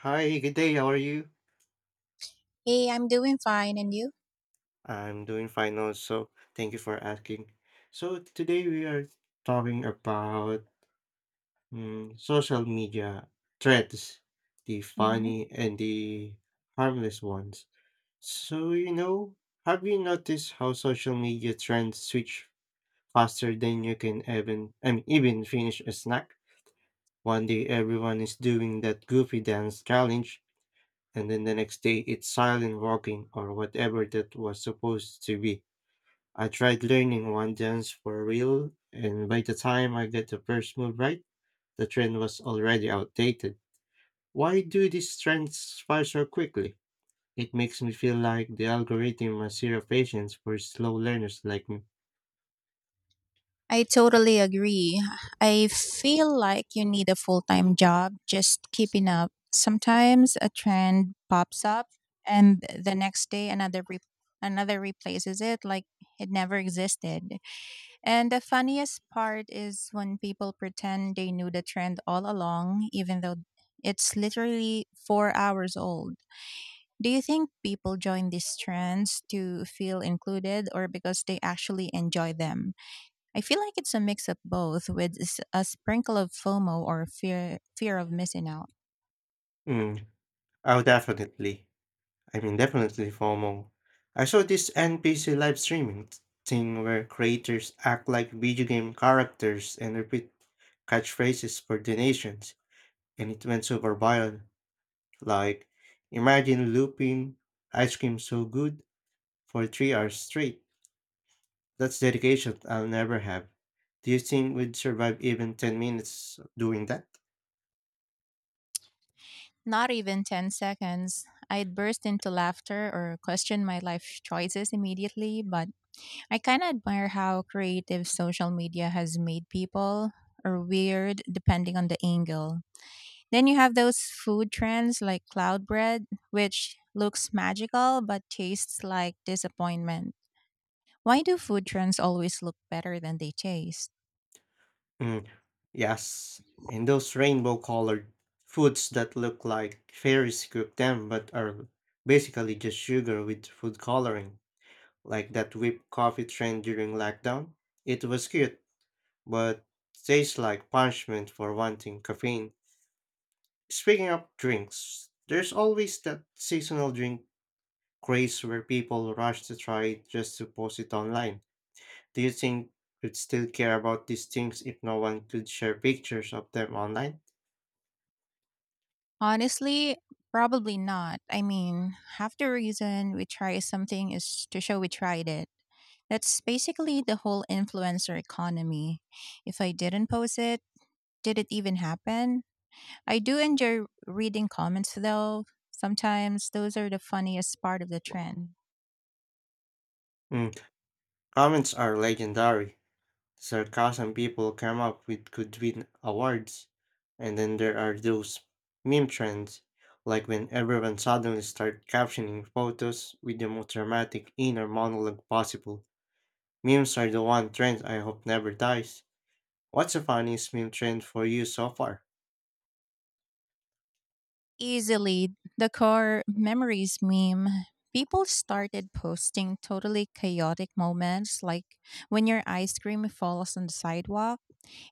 Hi, good day. How are you? Hey, I'm doing fine, and you? I'm doing fine also. Thank you for asking. So today we are talking about social media threads, the Hmm. funny and the harmless ones. So, you know, have you noticed how social media trends switch faster than you can even I mean even finish a snack? One day everyone is doing that goofy dance challenge, and then the next day it's silent walking or whatever that was supposed to be. I tried learning one dance for real, and by the time I got the first move right, the trend was already outdated. Why do these trends fire so quickly? It makes me feel like the algorithm has zero patience for slow learners like me. I totally agree. I feel like you need a full time job just keeping up. Sometimes a trend pops up and the next day another replaces it like it never existed. And the funniest part is when people pretend they knew the trend all along even though it's literally 4 hours old. Do you think people join these trends to feel included or because they actually enjoy them? I feel like it's a mix of both with a sprinkle of FOMO or fear of missing out. Mm, oh, definitely. I mean, definitely FOMO. I saw this NPC live streaming thing where creators act like video game characters and repeat catchphrases for donations, and it went super viral. Like, imagine looping ice cream so good for 3 hours straight. That's dedication I'll never have. Do you think we'd survive even 10 minutes doing that? Not even 10 seconds, I'd burst into laughter or question my life choices immediately, but I kind of admire how creative social media has made people or weird depending on the angle. Then you have those food trends like cloud bread, which looks magical but tastes like disappointment. Why do food trends always look better than they taste? Mm, yes, and those rainbow colored foods that look like fairies cook them, but are basically just sugar with food coloring, like that whipped coffee trend during lockdown. It was cute, but tastes like punishment for wanting caffeine. Speaking of drinks, there's always that seasonal drink craze where people rush to try it just to post it online. Do you think we would still care about these things if no one could share pictures of them online? Honestly, probably not. I mean, half the reason we try something is to show we tried it. That's basically the whole influencer economy. If I didn't post it, did it even happen? I do enjoy reading comments though. Sometimes those are the funniest part of the trend. Mm, Comments are legendary. Sarcasm people come up with could win awards. And then there are those meme trends, like when everyone suddenly start captioning photos with the most dramatic inner monologue possible. Memes are the one trend I hope never dies. What's the funniest meme trend for you so far? Easily, the core memories meme. People started posting totally chaotic moments like when your ice cream falls on the sidewalk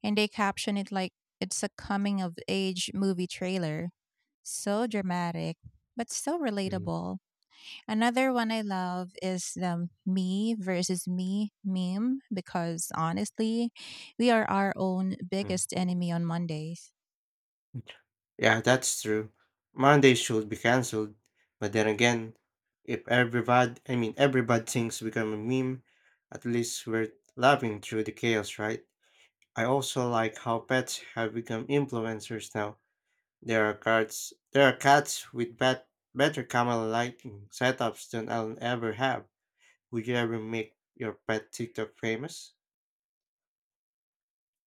and they caption it like it's a coming of age movie trailer. So dramatic, but so Mm, relatable. Another one I love is the me versus me meme because honestly, we are our own mm. biggest enemy on Mondays. Yeah, that's true. Monday should be cancelled. But then again, if everybody thinks become a meme, at least we're laughing through the chaos, right? I also like how pets have become influencers now. There are cats, better camera lighting setups than I'll ever have. Would you ever make your pet TikTok famous?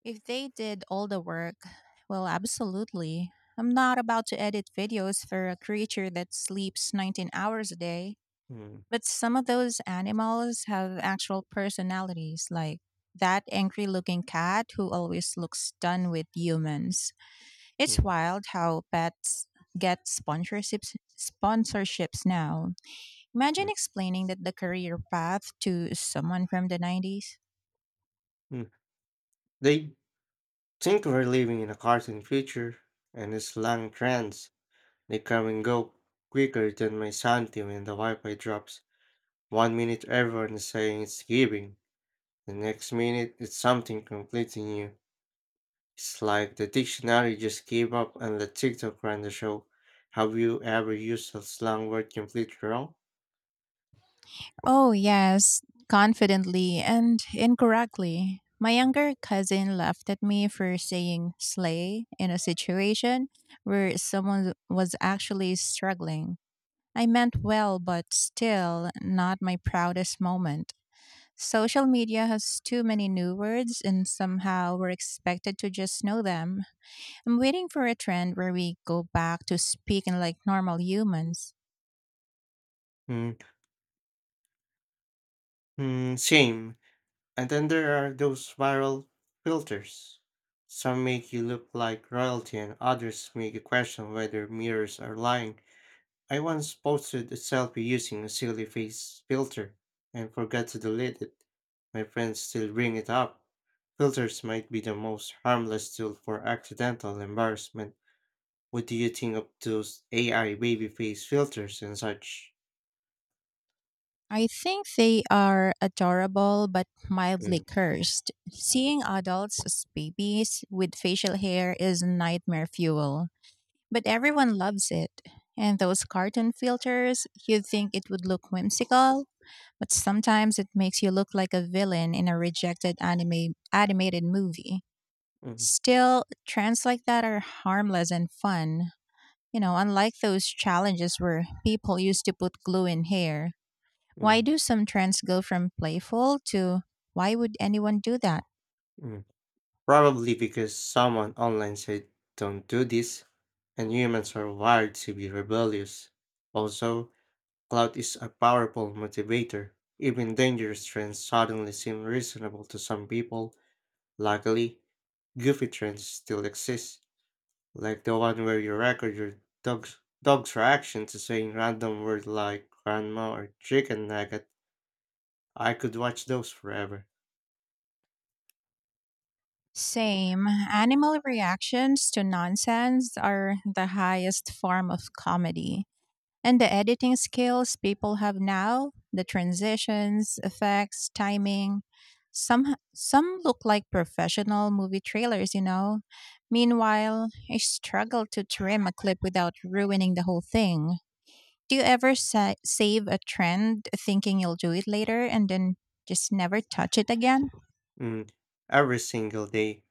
If they did all the work, well, absolutely. I'm not about to edit videos for a creature that sleeps 19 hours a day. Mm, But some of those animals have actual personalities, like that angry looking cat who always looks done with humans. It's mm, wild how pets get sponsorships now. Imagine mm, explaining that the career path to someone from the 90s. mm. They think we're living in a cartoon future, and it's long trends. They come and go quicker than my sanity when the Wi-Fi drops. One minute everyone is saying it's giving, the next minute it's something completely new. It's like the dictionary just gave up and let TikTok run the show. Have you ever used a slang word completely wrong? Oh, yes, confidently and incorrectly. My younger cousin laughed at me for saying slay in a situation where someone was actually struggling. I meant well, but still not my proudest moment. Social media has too many new words, and somehow we're expected to just know them. I'm waiting for a trend where we go back to speaking like normal humans. Mm, same. And then there are those viral filters. Some make you look like royalty and others make you question whether mirrors are lying. I once posted a selfie using a silly face filter and forgot to delete it. My friends still bring it up. Filters might be the most harmless tool for accidental embarrassment. What do you think of those AI baby face filters and such? I think they are adorable but mildly Mm, cursed. Seeing adults as babies with facial hair is nightmare fuel. But everyone loves it. And those cartoon filters, you'd think it would look whimsical, but sometimes it makes you look like a villain in a rejected anime animated movie. mm, Still, trends like that are harmless and fun. You know, unlike those challenges where people used to put glue in hair. Why mm, do some trends go from playful to, why would anyone do that? mm. Probably because someone online said, don't do this, and humans are wired to be rebellious. Also, Clout is a powerful motivator. Even dangerous trends suddenly seem reasonable to some people. Luckily, goofy trends still exist, like the one where you record your dog's reaction to saying random words like grandma or chicken nugget. I could watch those forever. Same. Animal reactions to nonsense are the highest form of comedy. And the editing skills people have now, the transitions, effects, timing, some look like professional movie trailers, you know. Meanwhile, I struggle to trim a clip without ruining the whole thing. Do you ever save a trend thinking you'll do it later and then just never touch it again? Mm, every single day.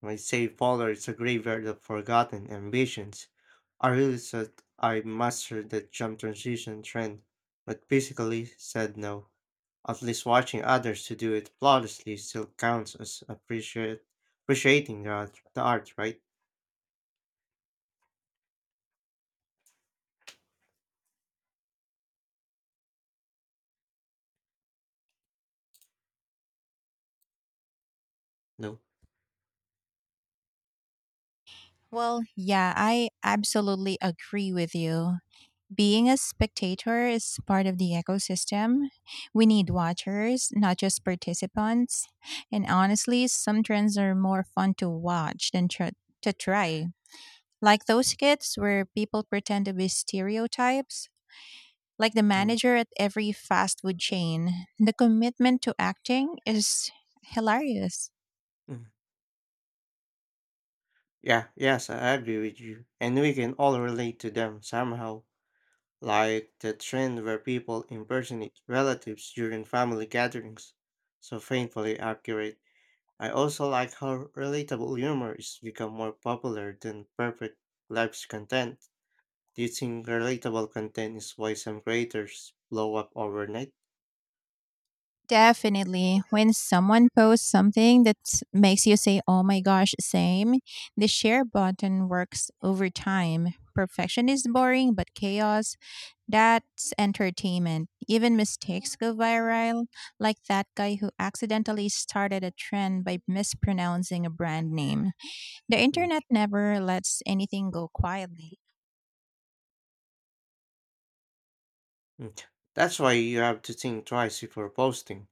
My save folder is a graveyard of forgotten ambitions. I realized that I mastered the jump transition trend, but physically said no. At least watching others to do it flawlessly still counts as appreciate appreciating the art right? No. Well, yeah, I absolutely agree with you. Being a spectator is part of the ecosystem. We need watchers, not just participants. And honestly, some trends are more fun to watch than to try. Like those skits where people pretend to be stereotypes, like the Mm. manager at every fast food chain. The commitment to acting is hilarious. Mm. Yeah, yes, I agree with you. And we can all relate to them somehow, like the trend where people impersonate relatives during family gatherings. So painfully accurate. I also like how relatable humor is become more popular than perfect life's content. Do you think relatable content is why some creators blow up overnight? Definitely. When someone posts something that makes you say, oh my gosh, same, the share button works over time. Perfection is boring, but chaos, that's entertainment. Even mistakes go viral, like that guy who accidentally started a trend by mispronouncing a brand name. The internet never lets anything go quietly. Mm. That's why you have to think twice before posting.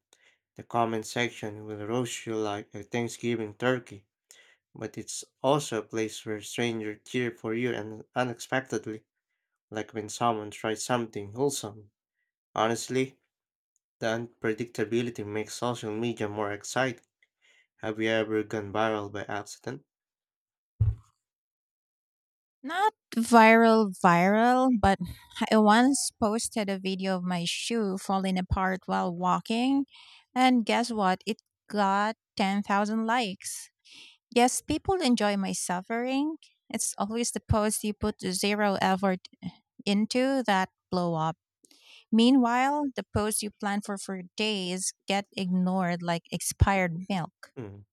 The comment section will roast you like a Thanksgiving turkey, but it's also a place where strangers cheer for you and unexpectedly, like when someone tries something wholesome. Honestly, the unpredictability makes social media more exciting. Have you ever gone viral by accident? Not viral, viral, but I once posted a video of my shoe falling apart while walking. And guess what? It got 10,000 likes. Yes, people enjoy my suffering. It's always the post you put zero effort into that blow up. Meanwhile, the posts you plan for days get ignored like expired milk. Mm,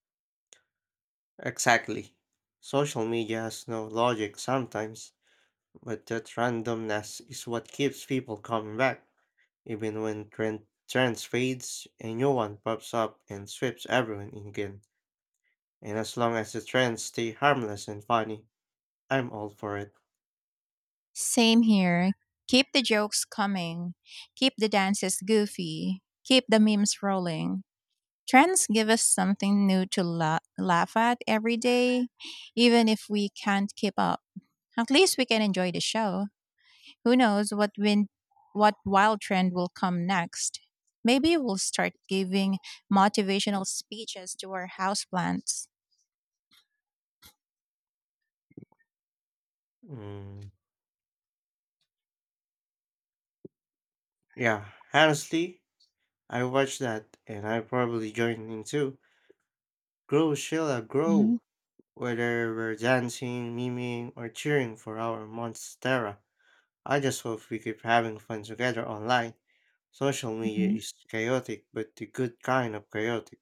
Exactly. Social media has no logic sometimes, but that randomness is what keeps people coming back. Even when trends fades, a new one pops up and sweeps everyone in again. And as long as the trends stay harmless and funny, I'm all for it. Same here. Keep the jokes coming. Keep the dances goofy. Keep the memes rolling. Trends give us something new to laugh at every day, even if we can't keep up. At least we can enjoy the show. Who knows what win- what wild trend will come next? Maybe we'll start giving motivational speeches to our houseplants. Mm, yeah, honestly, I watch that and I probably join in too. Grow, Sheila, Mhm. grow! Whether we're dancing, memeing, or cheering for our Monstera, I just hope we keep having fun together online. Social media Mhm. is chaotic, but the good kind of chaotic.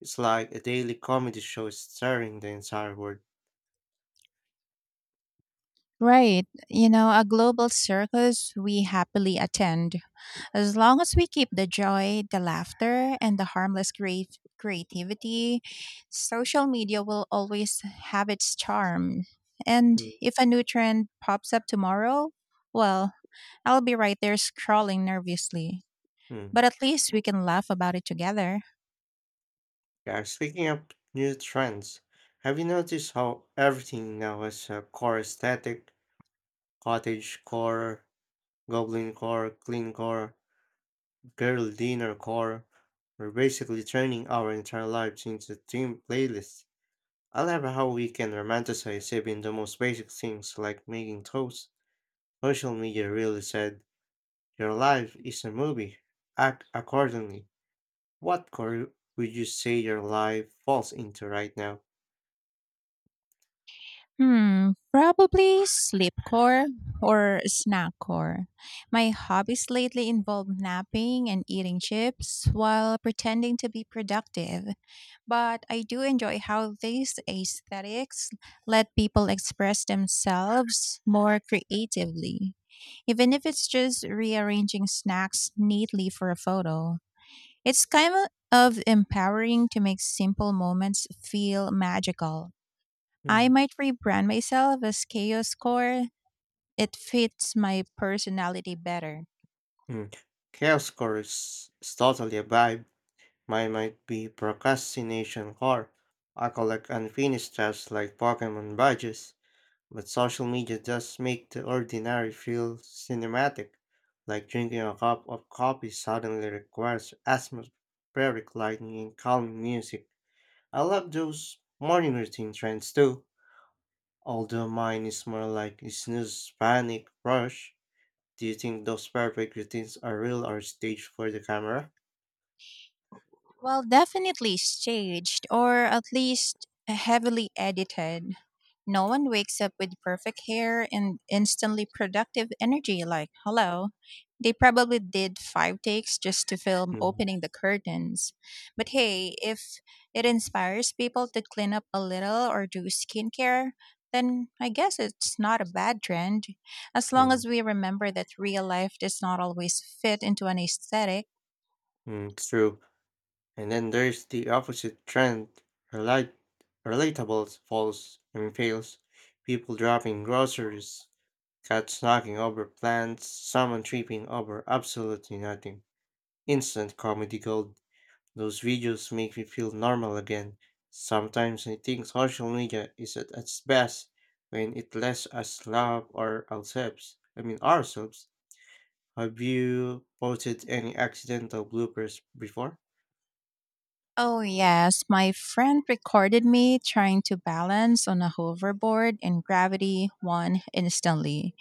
It's like a daily comedy show starring the entire world. Right. You know, a global circus we happily attend. As long as we keep the joy, the laughter, and the harmless creativity, social media will always have its charm. And Mm. if a new trend pops up tomorrow, well, I'll be right there scrolling nervously. Hmm. But at least we can laugh about it together. Yeah, speaking of new trends, have you noticed how everything now has a core aesthetic? Cottage core, goblin core, clean core, girl dinner core. We're basically turning our entire lives into theme playlists. I love how we can romanticize even the most basic things like making toast. Social media really said, your life is a movie. Act accordingly. What core would you say your life falls into right now? Hmm, probably sleepcore or snackcore. My hobbies lately involve napping and eating chips while pretending to be productive, but I do enjoy how these aesthetics let people express themselves more creatively, even if it's just rearranging snacks neatly for a photo. It's kind of empowering to make simple moments feel magical. I Mm. might rebrand myself as Chaos Core. It fits my personality better. Mm. Chaos core is totally a vibe. Mine might be procrastination core. I collect unfinished tasks like Pokemon badges, but social media does make the ordinary feel cinematic. Like drinking a cup of coffee suddenly requires atmospheric lighting and calming music. I love those morning routine trends too. Although mine is more like a snooze, panic, rush. Do you think those perfect routines are real or staged for the camera? Well, definitely staged, or at least heavily edited. No one wakes up with perfect hair and instantly productive energy like, hello. They probably did five takes just to film Mm, opening the curtains. But hey, if it inspires people to clean up a little or do skincare, then I guess it's not a bad trend. As long mm, as we remember that real life does not always fit into an aesthetic. True. And then there's the opposite trend. Relate, relatable falls and fails. People dropping groceries, cats knocking over plants, someone tripping over absolutely nothing. Instant comedy gold. Those videos make me feel normal again. Sometimes I think social media is at its best when it lets us love our ourselves. I mean ourselves. Have you posted any accidental bloopers before? Oh, yes. My friend recorded me trying to balance on a hoverboard, and gravity won instantly.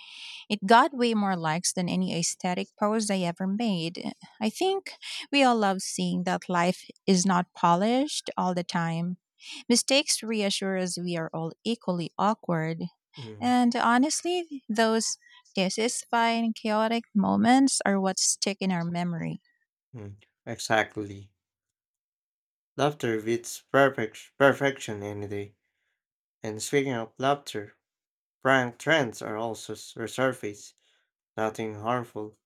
It got way more likes than any aesthetic pose I ever made. I think we all love seeing that life is not polished all the time. Mistakes reassure us we are all equally awkward. mm And honestly, those dissatisfying, chaotic moments are what stick in our memory. mm. Exactly. Laughter beats perfection any day. And speaking of laughter, prank trends are also resurfaced. Nothing harmful.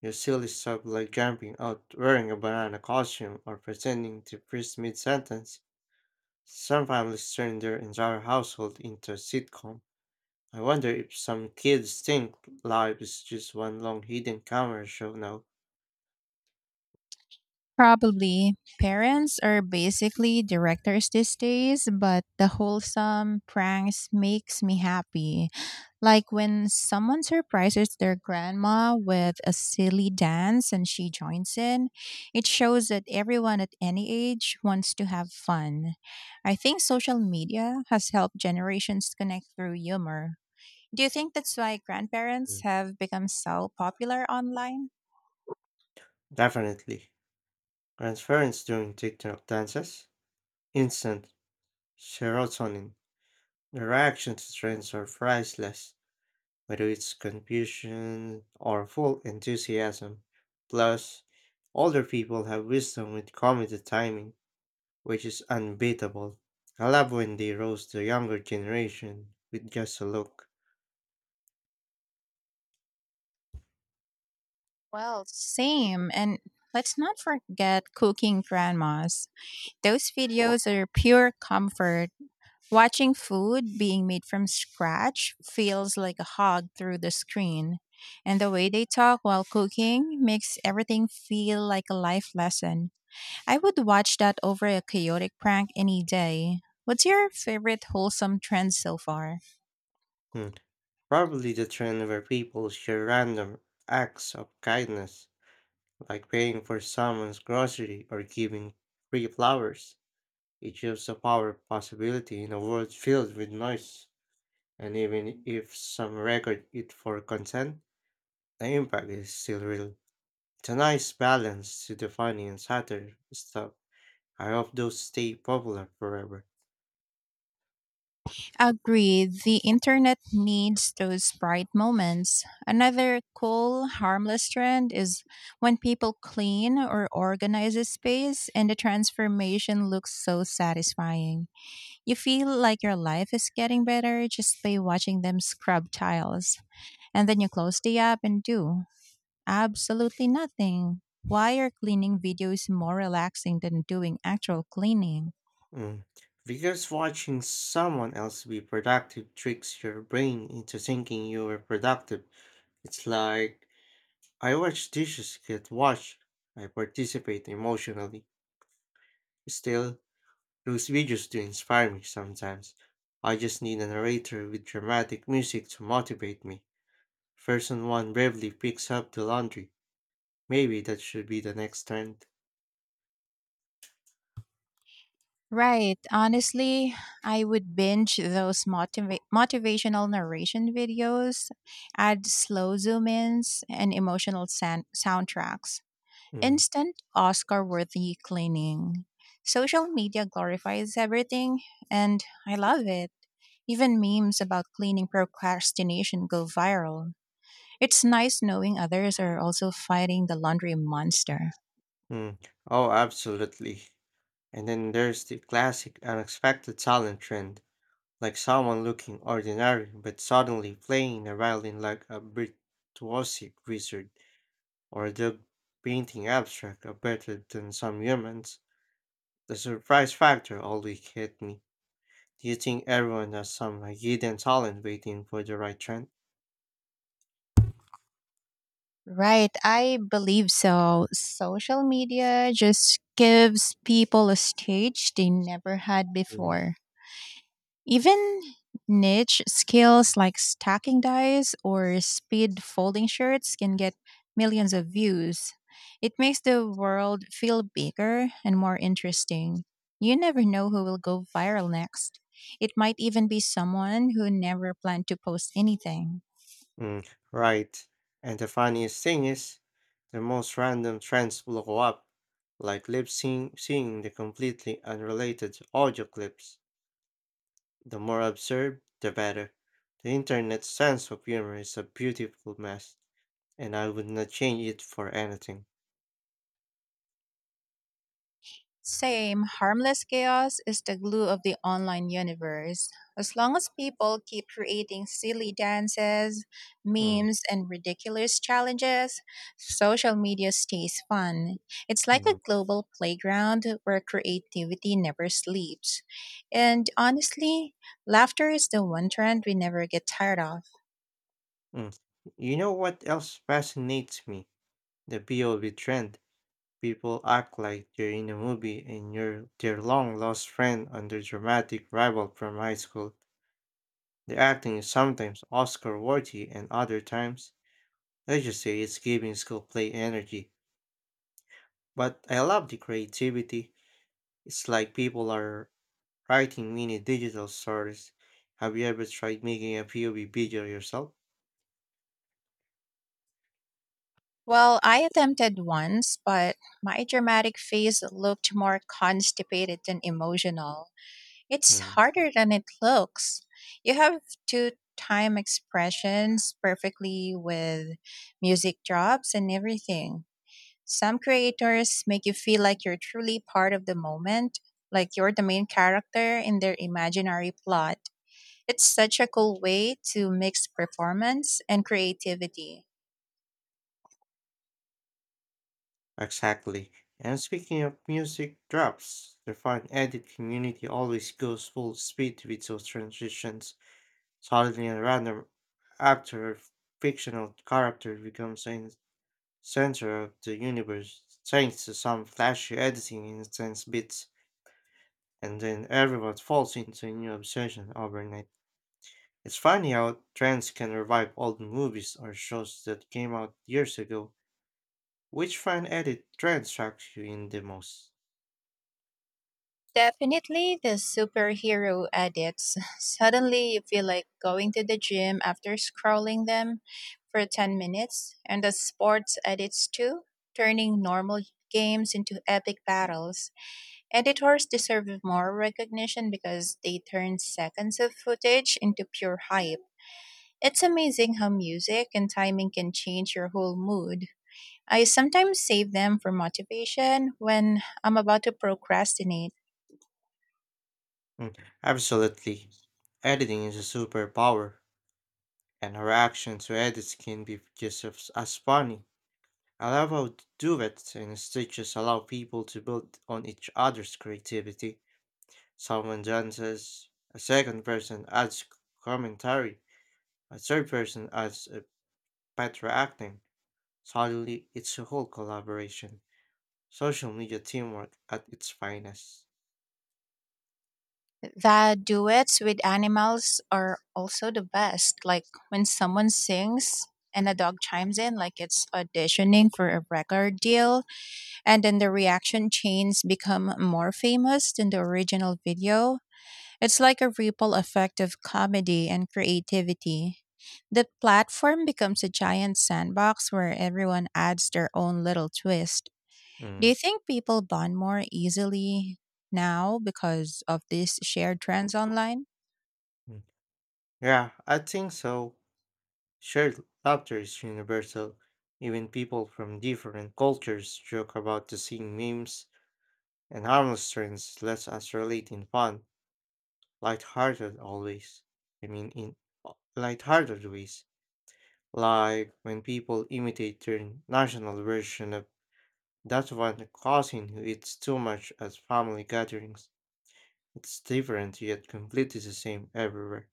You silly stuff like jumping out wearing a banana costume or pretending to freeze mid sentence. Some families turn their entire household into a sitcom. I wonder if some kids think life is just one long hidden camera show now. Probably. Parents are basically directors these days, but the wholesome pranks makes me happy. Like when someone surprises their grandma with a silly dance and she joins in, it shows that everyone at any age wants to have fun. I think social media has helped generations connect through humor. Do you think that's why grandparents Mm. have become so popular online? Definitely. Transference during TikTok dances. Instant serotonin. The reaction to trends are priceless, whether it's confusion or full enthusiasm. Plus, older people have wisdom with comedy timing, which is unbeatable. I love when they roast the younger generation with just a look. Same. And let's not forget cooking grandmas. Those videos are pure comfort. Watching food being made from scratch feels like a hug through the screen. And the way they talk while cooking makes everything feel like a life lesson. I would watch that over a chaotic prank any day. What's your favorite wholesome trend so far? Hmm, Probably the trend where people share random acts of kindness, like paying for someone's grocery or giving free flowers. It shows the power of possibility in a world filled with noise. And even if some record it for consent, the impact is still real. It's a nice balance to the funny and satire stuff. I hope those stay popular forever. Agreed, the internet needs those bright moments. Another cool, harmless trend is when people clean or organize a space and the transformation looks so satisfying. You feel like your life is getting better just by watching them scrub tiles. And then you close the app and do absolutely nothing. Why are cleaning videos more relaxing than doing actual cleaning? Mm. Because watching someone else be productive tricks your brain into thinking you were productive. It's like I watch dishes get washed. I participate emotionally. Still, those videos do inspire me sometimes. I just need a narrator with dramatic music to motivate me. Person one bravely picks up the laundry. Maybe that should be the next trend. Right. Honestly, I would binge those motivational narration videos, add slow zoom ins, and emotional soundtracks. Mm, Instant Oscar worthy cleaning. Social media glorifies everything, and I love it. Even memes about cleaning procrastination go viral. It's nice knowing others are also fighting the laundry monster. mm. Oh, absolutely. And then there's the classic unexpected talent trend, like someone looking ordinary but suddenly playing a violin like a virtuosic wizard, or the painting abstract are better than some humans. The surprise factor always hit me. Do you think everyone has some hidden talent waiting for the right trend? Right, I believe so. Social media just gives people a stage they never had Mm. before. Even niche skills like stacking dice or speed folding shirts can get millions of views. It makes the world feel bigger and more interesting. You never know who will go viral next. It might even be someone who never planned to post anything. Mm, right. And the funniest thing is, the most random trends blow up, like lip sync, seeing the completely unrelated audio clips. The more absurd, the better. The internet's sense of humor is a beautiful mess, and I would not change it for anything. Same, harmless chaos is the glue of the online universe. As long as people keep creating silly dances, Mm, memes, and ridiculous challenges, social media stays fun. It's like mm, a global playground where creativity never sleeps. And honestly, laughter is the one trend we never get tired of. mm. You know what else fascinates me? The POV trend. People act like they're in a movie and you're their long lost friend and their dramatic rival from high school. The acting is sometimes Oscar worthy and other times, let's just say it's giving school play energy. But I love the creativity. It's like people are writing mini digital stories. Have you ever tried making a POV video yourself? Well, I attempted once, but my dramatic face looked more constipated than emotional. It's Mm, harder than it looks. You have to time expressions perfectly with music drops and everything. Some creators make you feel like you're truly part of the moment, like you're the main character in their imaginary plot. It's such a cool way to mix performance and creativity. exactly. And speaking of music drops, the fan edit community always goes full speed with those transitions. Suddenly, a random actor or fictional character becomes the center of the universe thanks to some flashy editing in intense bits, and then everyone falls into a new obsession overnight. It's funny how trends can revive old movies or shows that came out years ago. Which fan edit trend strikes you in the most? Definitely the superhero edits. Suddenly you feel like going to the gym after scrolling them for 10 minutes, and the sports edits too, turning normal games into epic battles. Editors deserve more recognition because they turn seconds of footage into pure hype. It's amazing how music and timing can change your whole mood. I sometimes save them for motivation when I'm about to procrastinate. Mm, Absolutely. Editing is a superpower, and our reaction to edits can be just as funny. Allowable to do it, and stitches allow people to build on each other's creativity. Someone dances, a second person adds commentary, a third person adds a better acting. Suddenly, it's a whole collaboration. Social media teamwork at its finest. The duets with animals are also the best. Like when someone sings and a dog chimes in, like it's auditioning for a record deal, and then the reaction chains become more famous than the original video. It's like a ripple effect of comedy and creativity. The platform becomes a giant sandbox where everyone adds their own little twist. Do Mm, you think people bond more easily now because of these shared trends online? mm. Yeah, I think so. Shared laughter is universal. Even people from different cultures joke about the same memes, and harmless trends lets us relate in fun. Lighthearted always. I mean, in lighthearted ways, like when people imitate their national version of that one cousin who eats too much at family gatherings. It's different yet completely the same everywhere.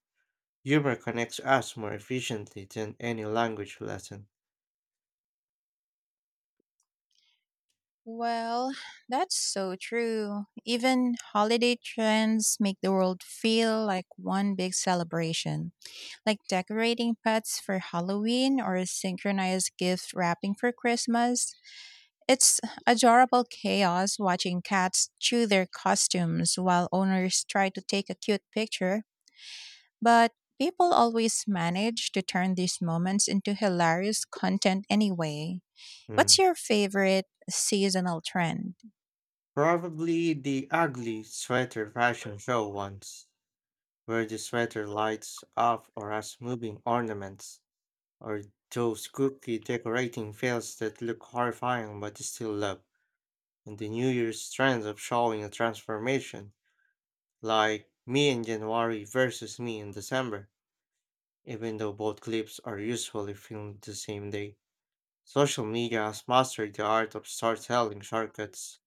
Humor connects us more efficiently than any language lesson. Well, that's so true. Even holiday trends make the world feel like one big celebration, like decorating pets for Halloween or synchronized gift wrapping for Christmas. It's adorable chaos watching cats chew their costumes while owners try to take a cute picture, but people always manage to turn these moments into hilarious content anyway. What's Hmm. your favorite seasonal trend? Probably the ugly sweater fashion show once, where the sweater lights up or as moving ornaments, or those cookie decorating fails that look horrifying but still love, and the New Year's trends of showing a transformation, like me in January versus me in December, even though both clips are usually filmed the same day. Social media has mastered the art of storytelling shortcuts,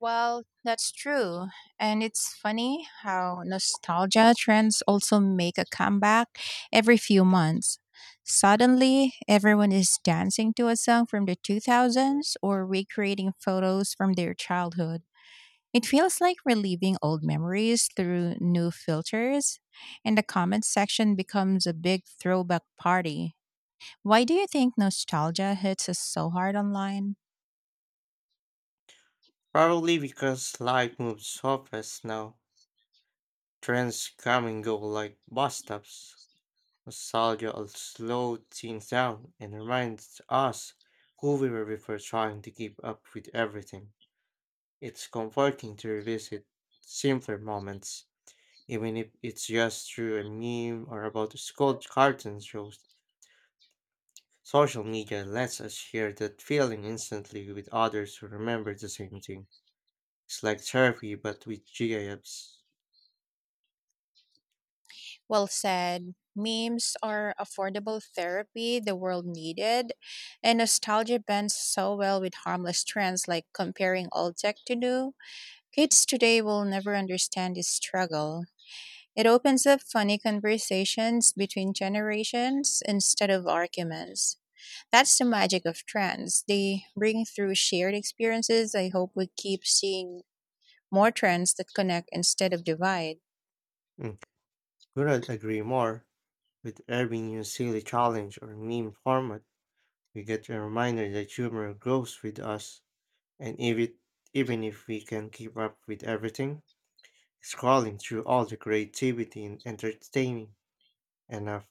Well, that's true. And it's funny how nostalgia trends also make a comeback every few months. Suddenly, everyone is dancing to a song from the 2000s or recreating photos from their childhood. It feels like reliving old memories through new filters, and the comment section becomes a big throwback party. Why do you think nostalgia hits us so hard online? probably because life moves so fast now. Trends come and go like bus stops. Nostalgia will slow things down and reminds us who we were before trying to keep up with everything. It's comforting to revisit simpler moments, even if it's just through a meme or about a school cartoon shows. Social media lets us share that feeling instantly with others who remember the same thing. It's like therapy, but with GIFs. Well said. Memes are affordable therapy the world needed, and nostalgia bends so well with harmless trends like comparing old tech to new. Kids today will never understand this struggle. It opens up funny conversations between generations instead of arguments. That's the magic of trends. They bring through shared experiences. I hope we keep seeing more trends that connect instead of divide. Mm. Couldn't agree more. With every new silly challenge or meme format, we get a reminder that humor grows with us, and if it, even if we can keep up with everything, scrolling through all the creativity and entertaining enough,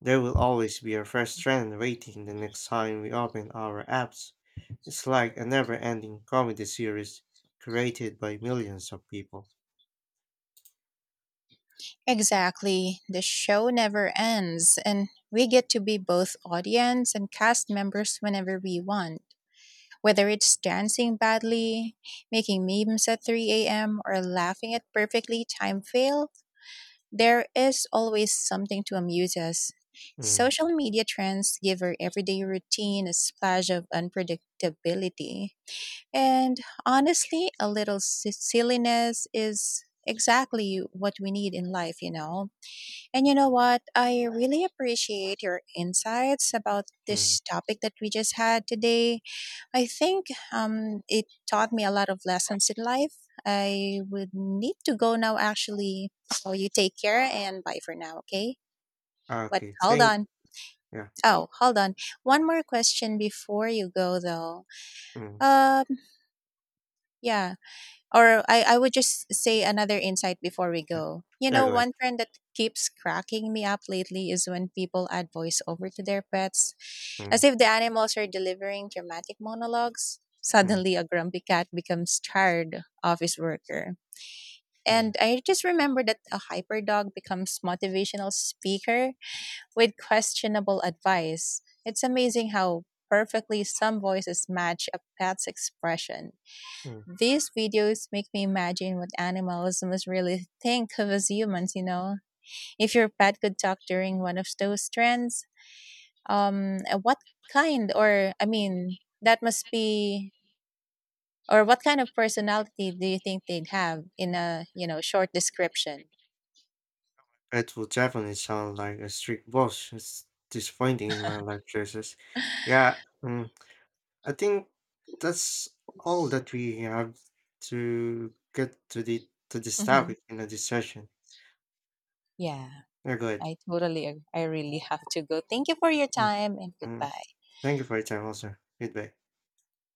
there will always be a fresh trend waiting the next time we open our apps. It's like a never ending comedy series created by millions of people. Exactly. The show never ends, and we get to be both audience and cast members whenever we want. Whether it's dancing badly, making memes at 3 a.m., or laughing at perfectly timed fail, there is always something to amuse us. Mm, Social media trends give our everyday routine a splash of unpredictability. And honestly, a little silliness is exactly what we need in life, you know? And you know what? I really appreciate your insights about mm. this topic that we just had today. I think it taught me a lot of lessons in life. I would need to go now, actually. So you take care and bye for now, okay? But Okay, hold thank you. on. Yeah. Oh, hold on. One more question before you go, though. Mm. Um, yeah. Or I would just say another insight before we Yeah, go. You yeah, know, go ahead. one trend that keeps cracking me up lately is when people add voiceover to their pets. Mm, As if the animals are delivering dramatic monologues, mm, suddenly a grumpy cat becomes tired office worker. mm, And I just remember that a hyperdog becomes motivational speaker with questionable advice. It's amazing how perfectly some voices match a pet's expression. mm. These videos make me imagine what animals must really think of us humans, you know? If your pet could talk during one of those trends, what kind or I mean that must be or what kind of personality do you think they'd have in a short description? It will definitely sound like a strict boss. It's disappointing in my life choices. Yeah, I think that's all that we have to get to the to this Hmm. topic in this session. Yeah, Yeah, go ahead. I really have to go. Thank you for your Mm, time and mm. goodbye. Thank you for your time also. Goodbye.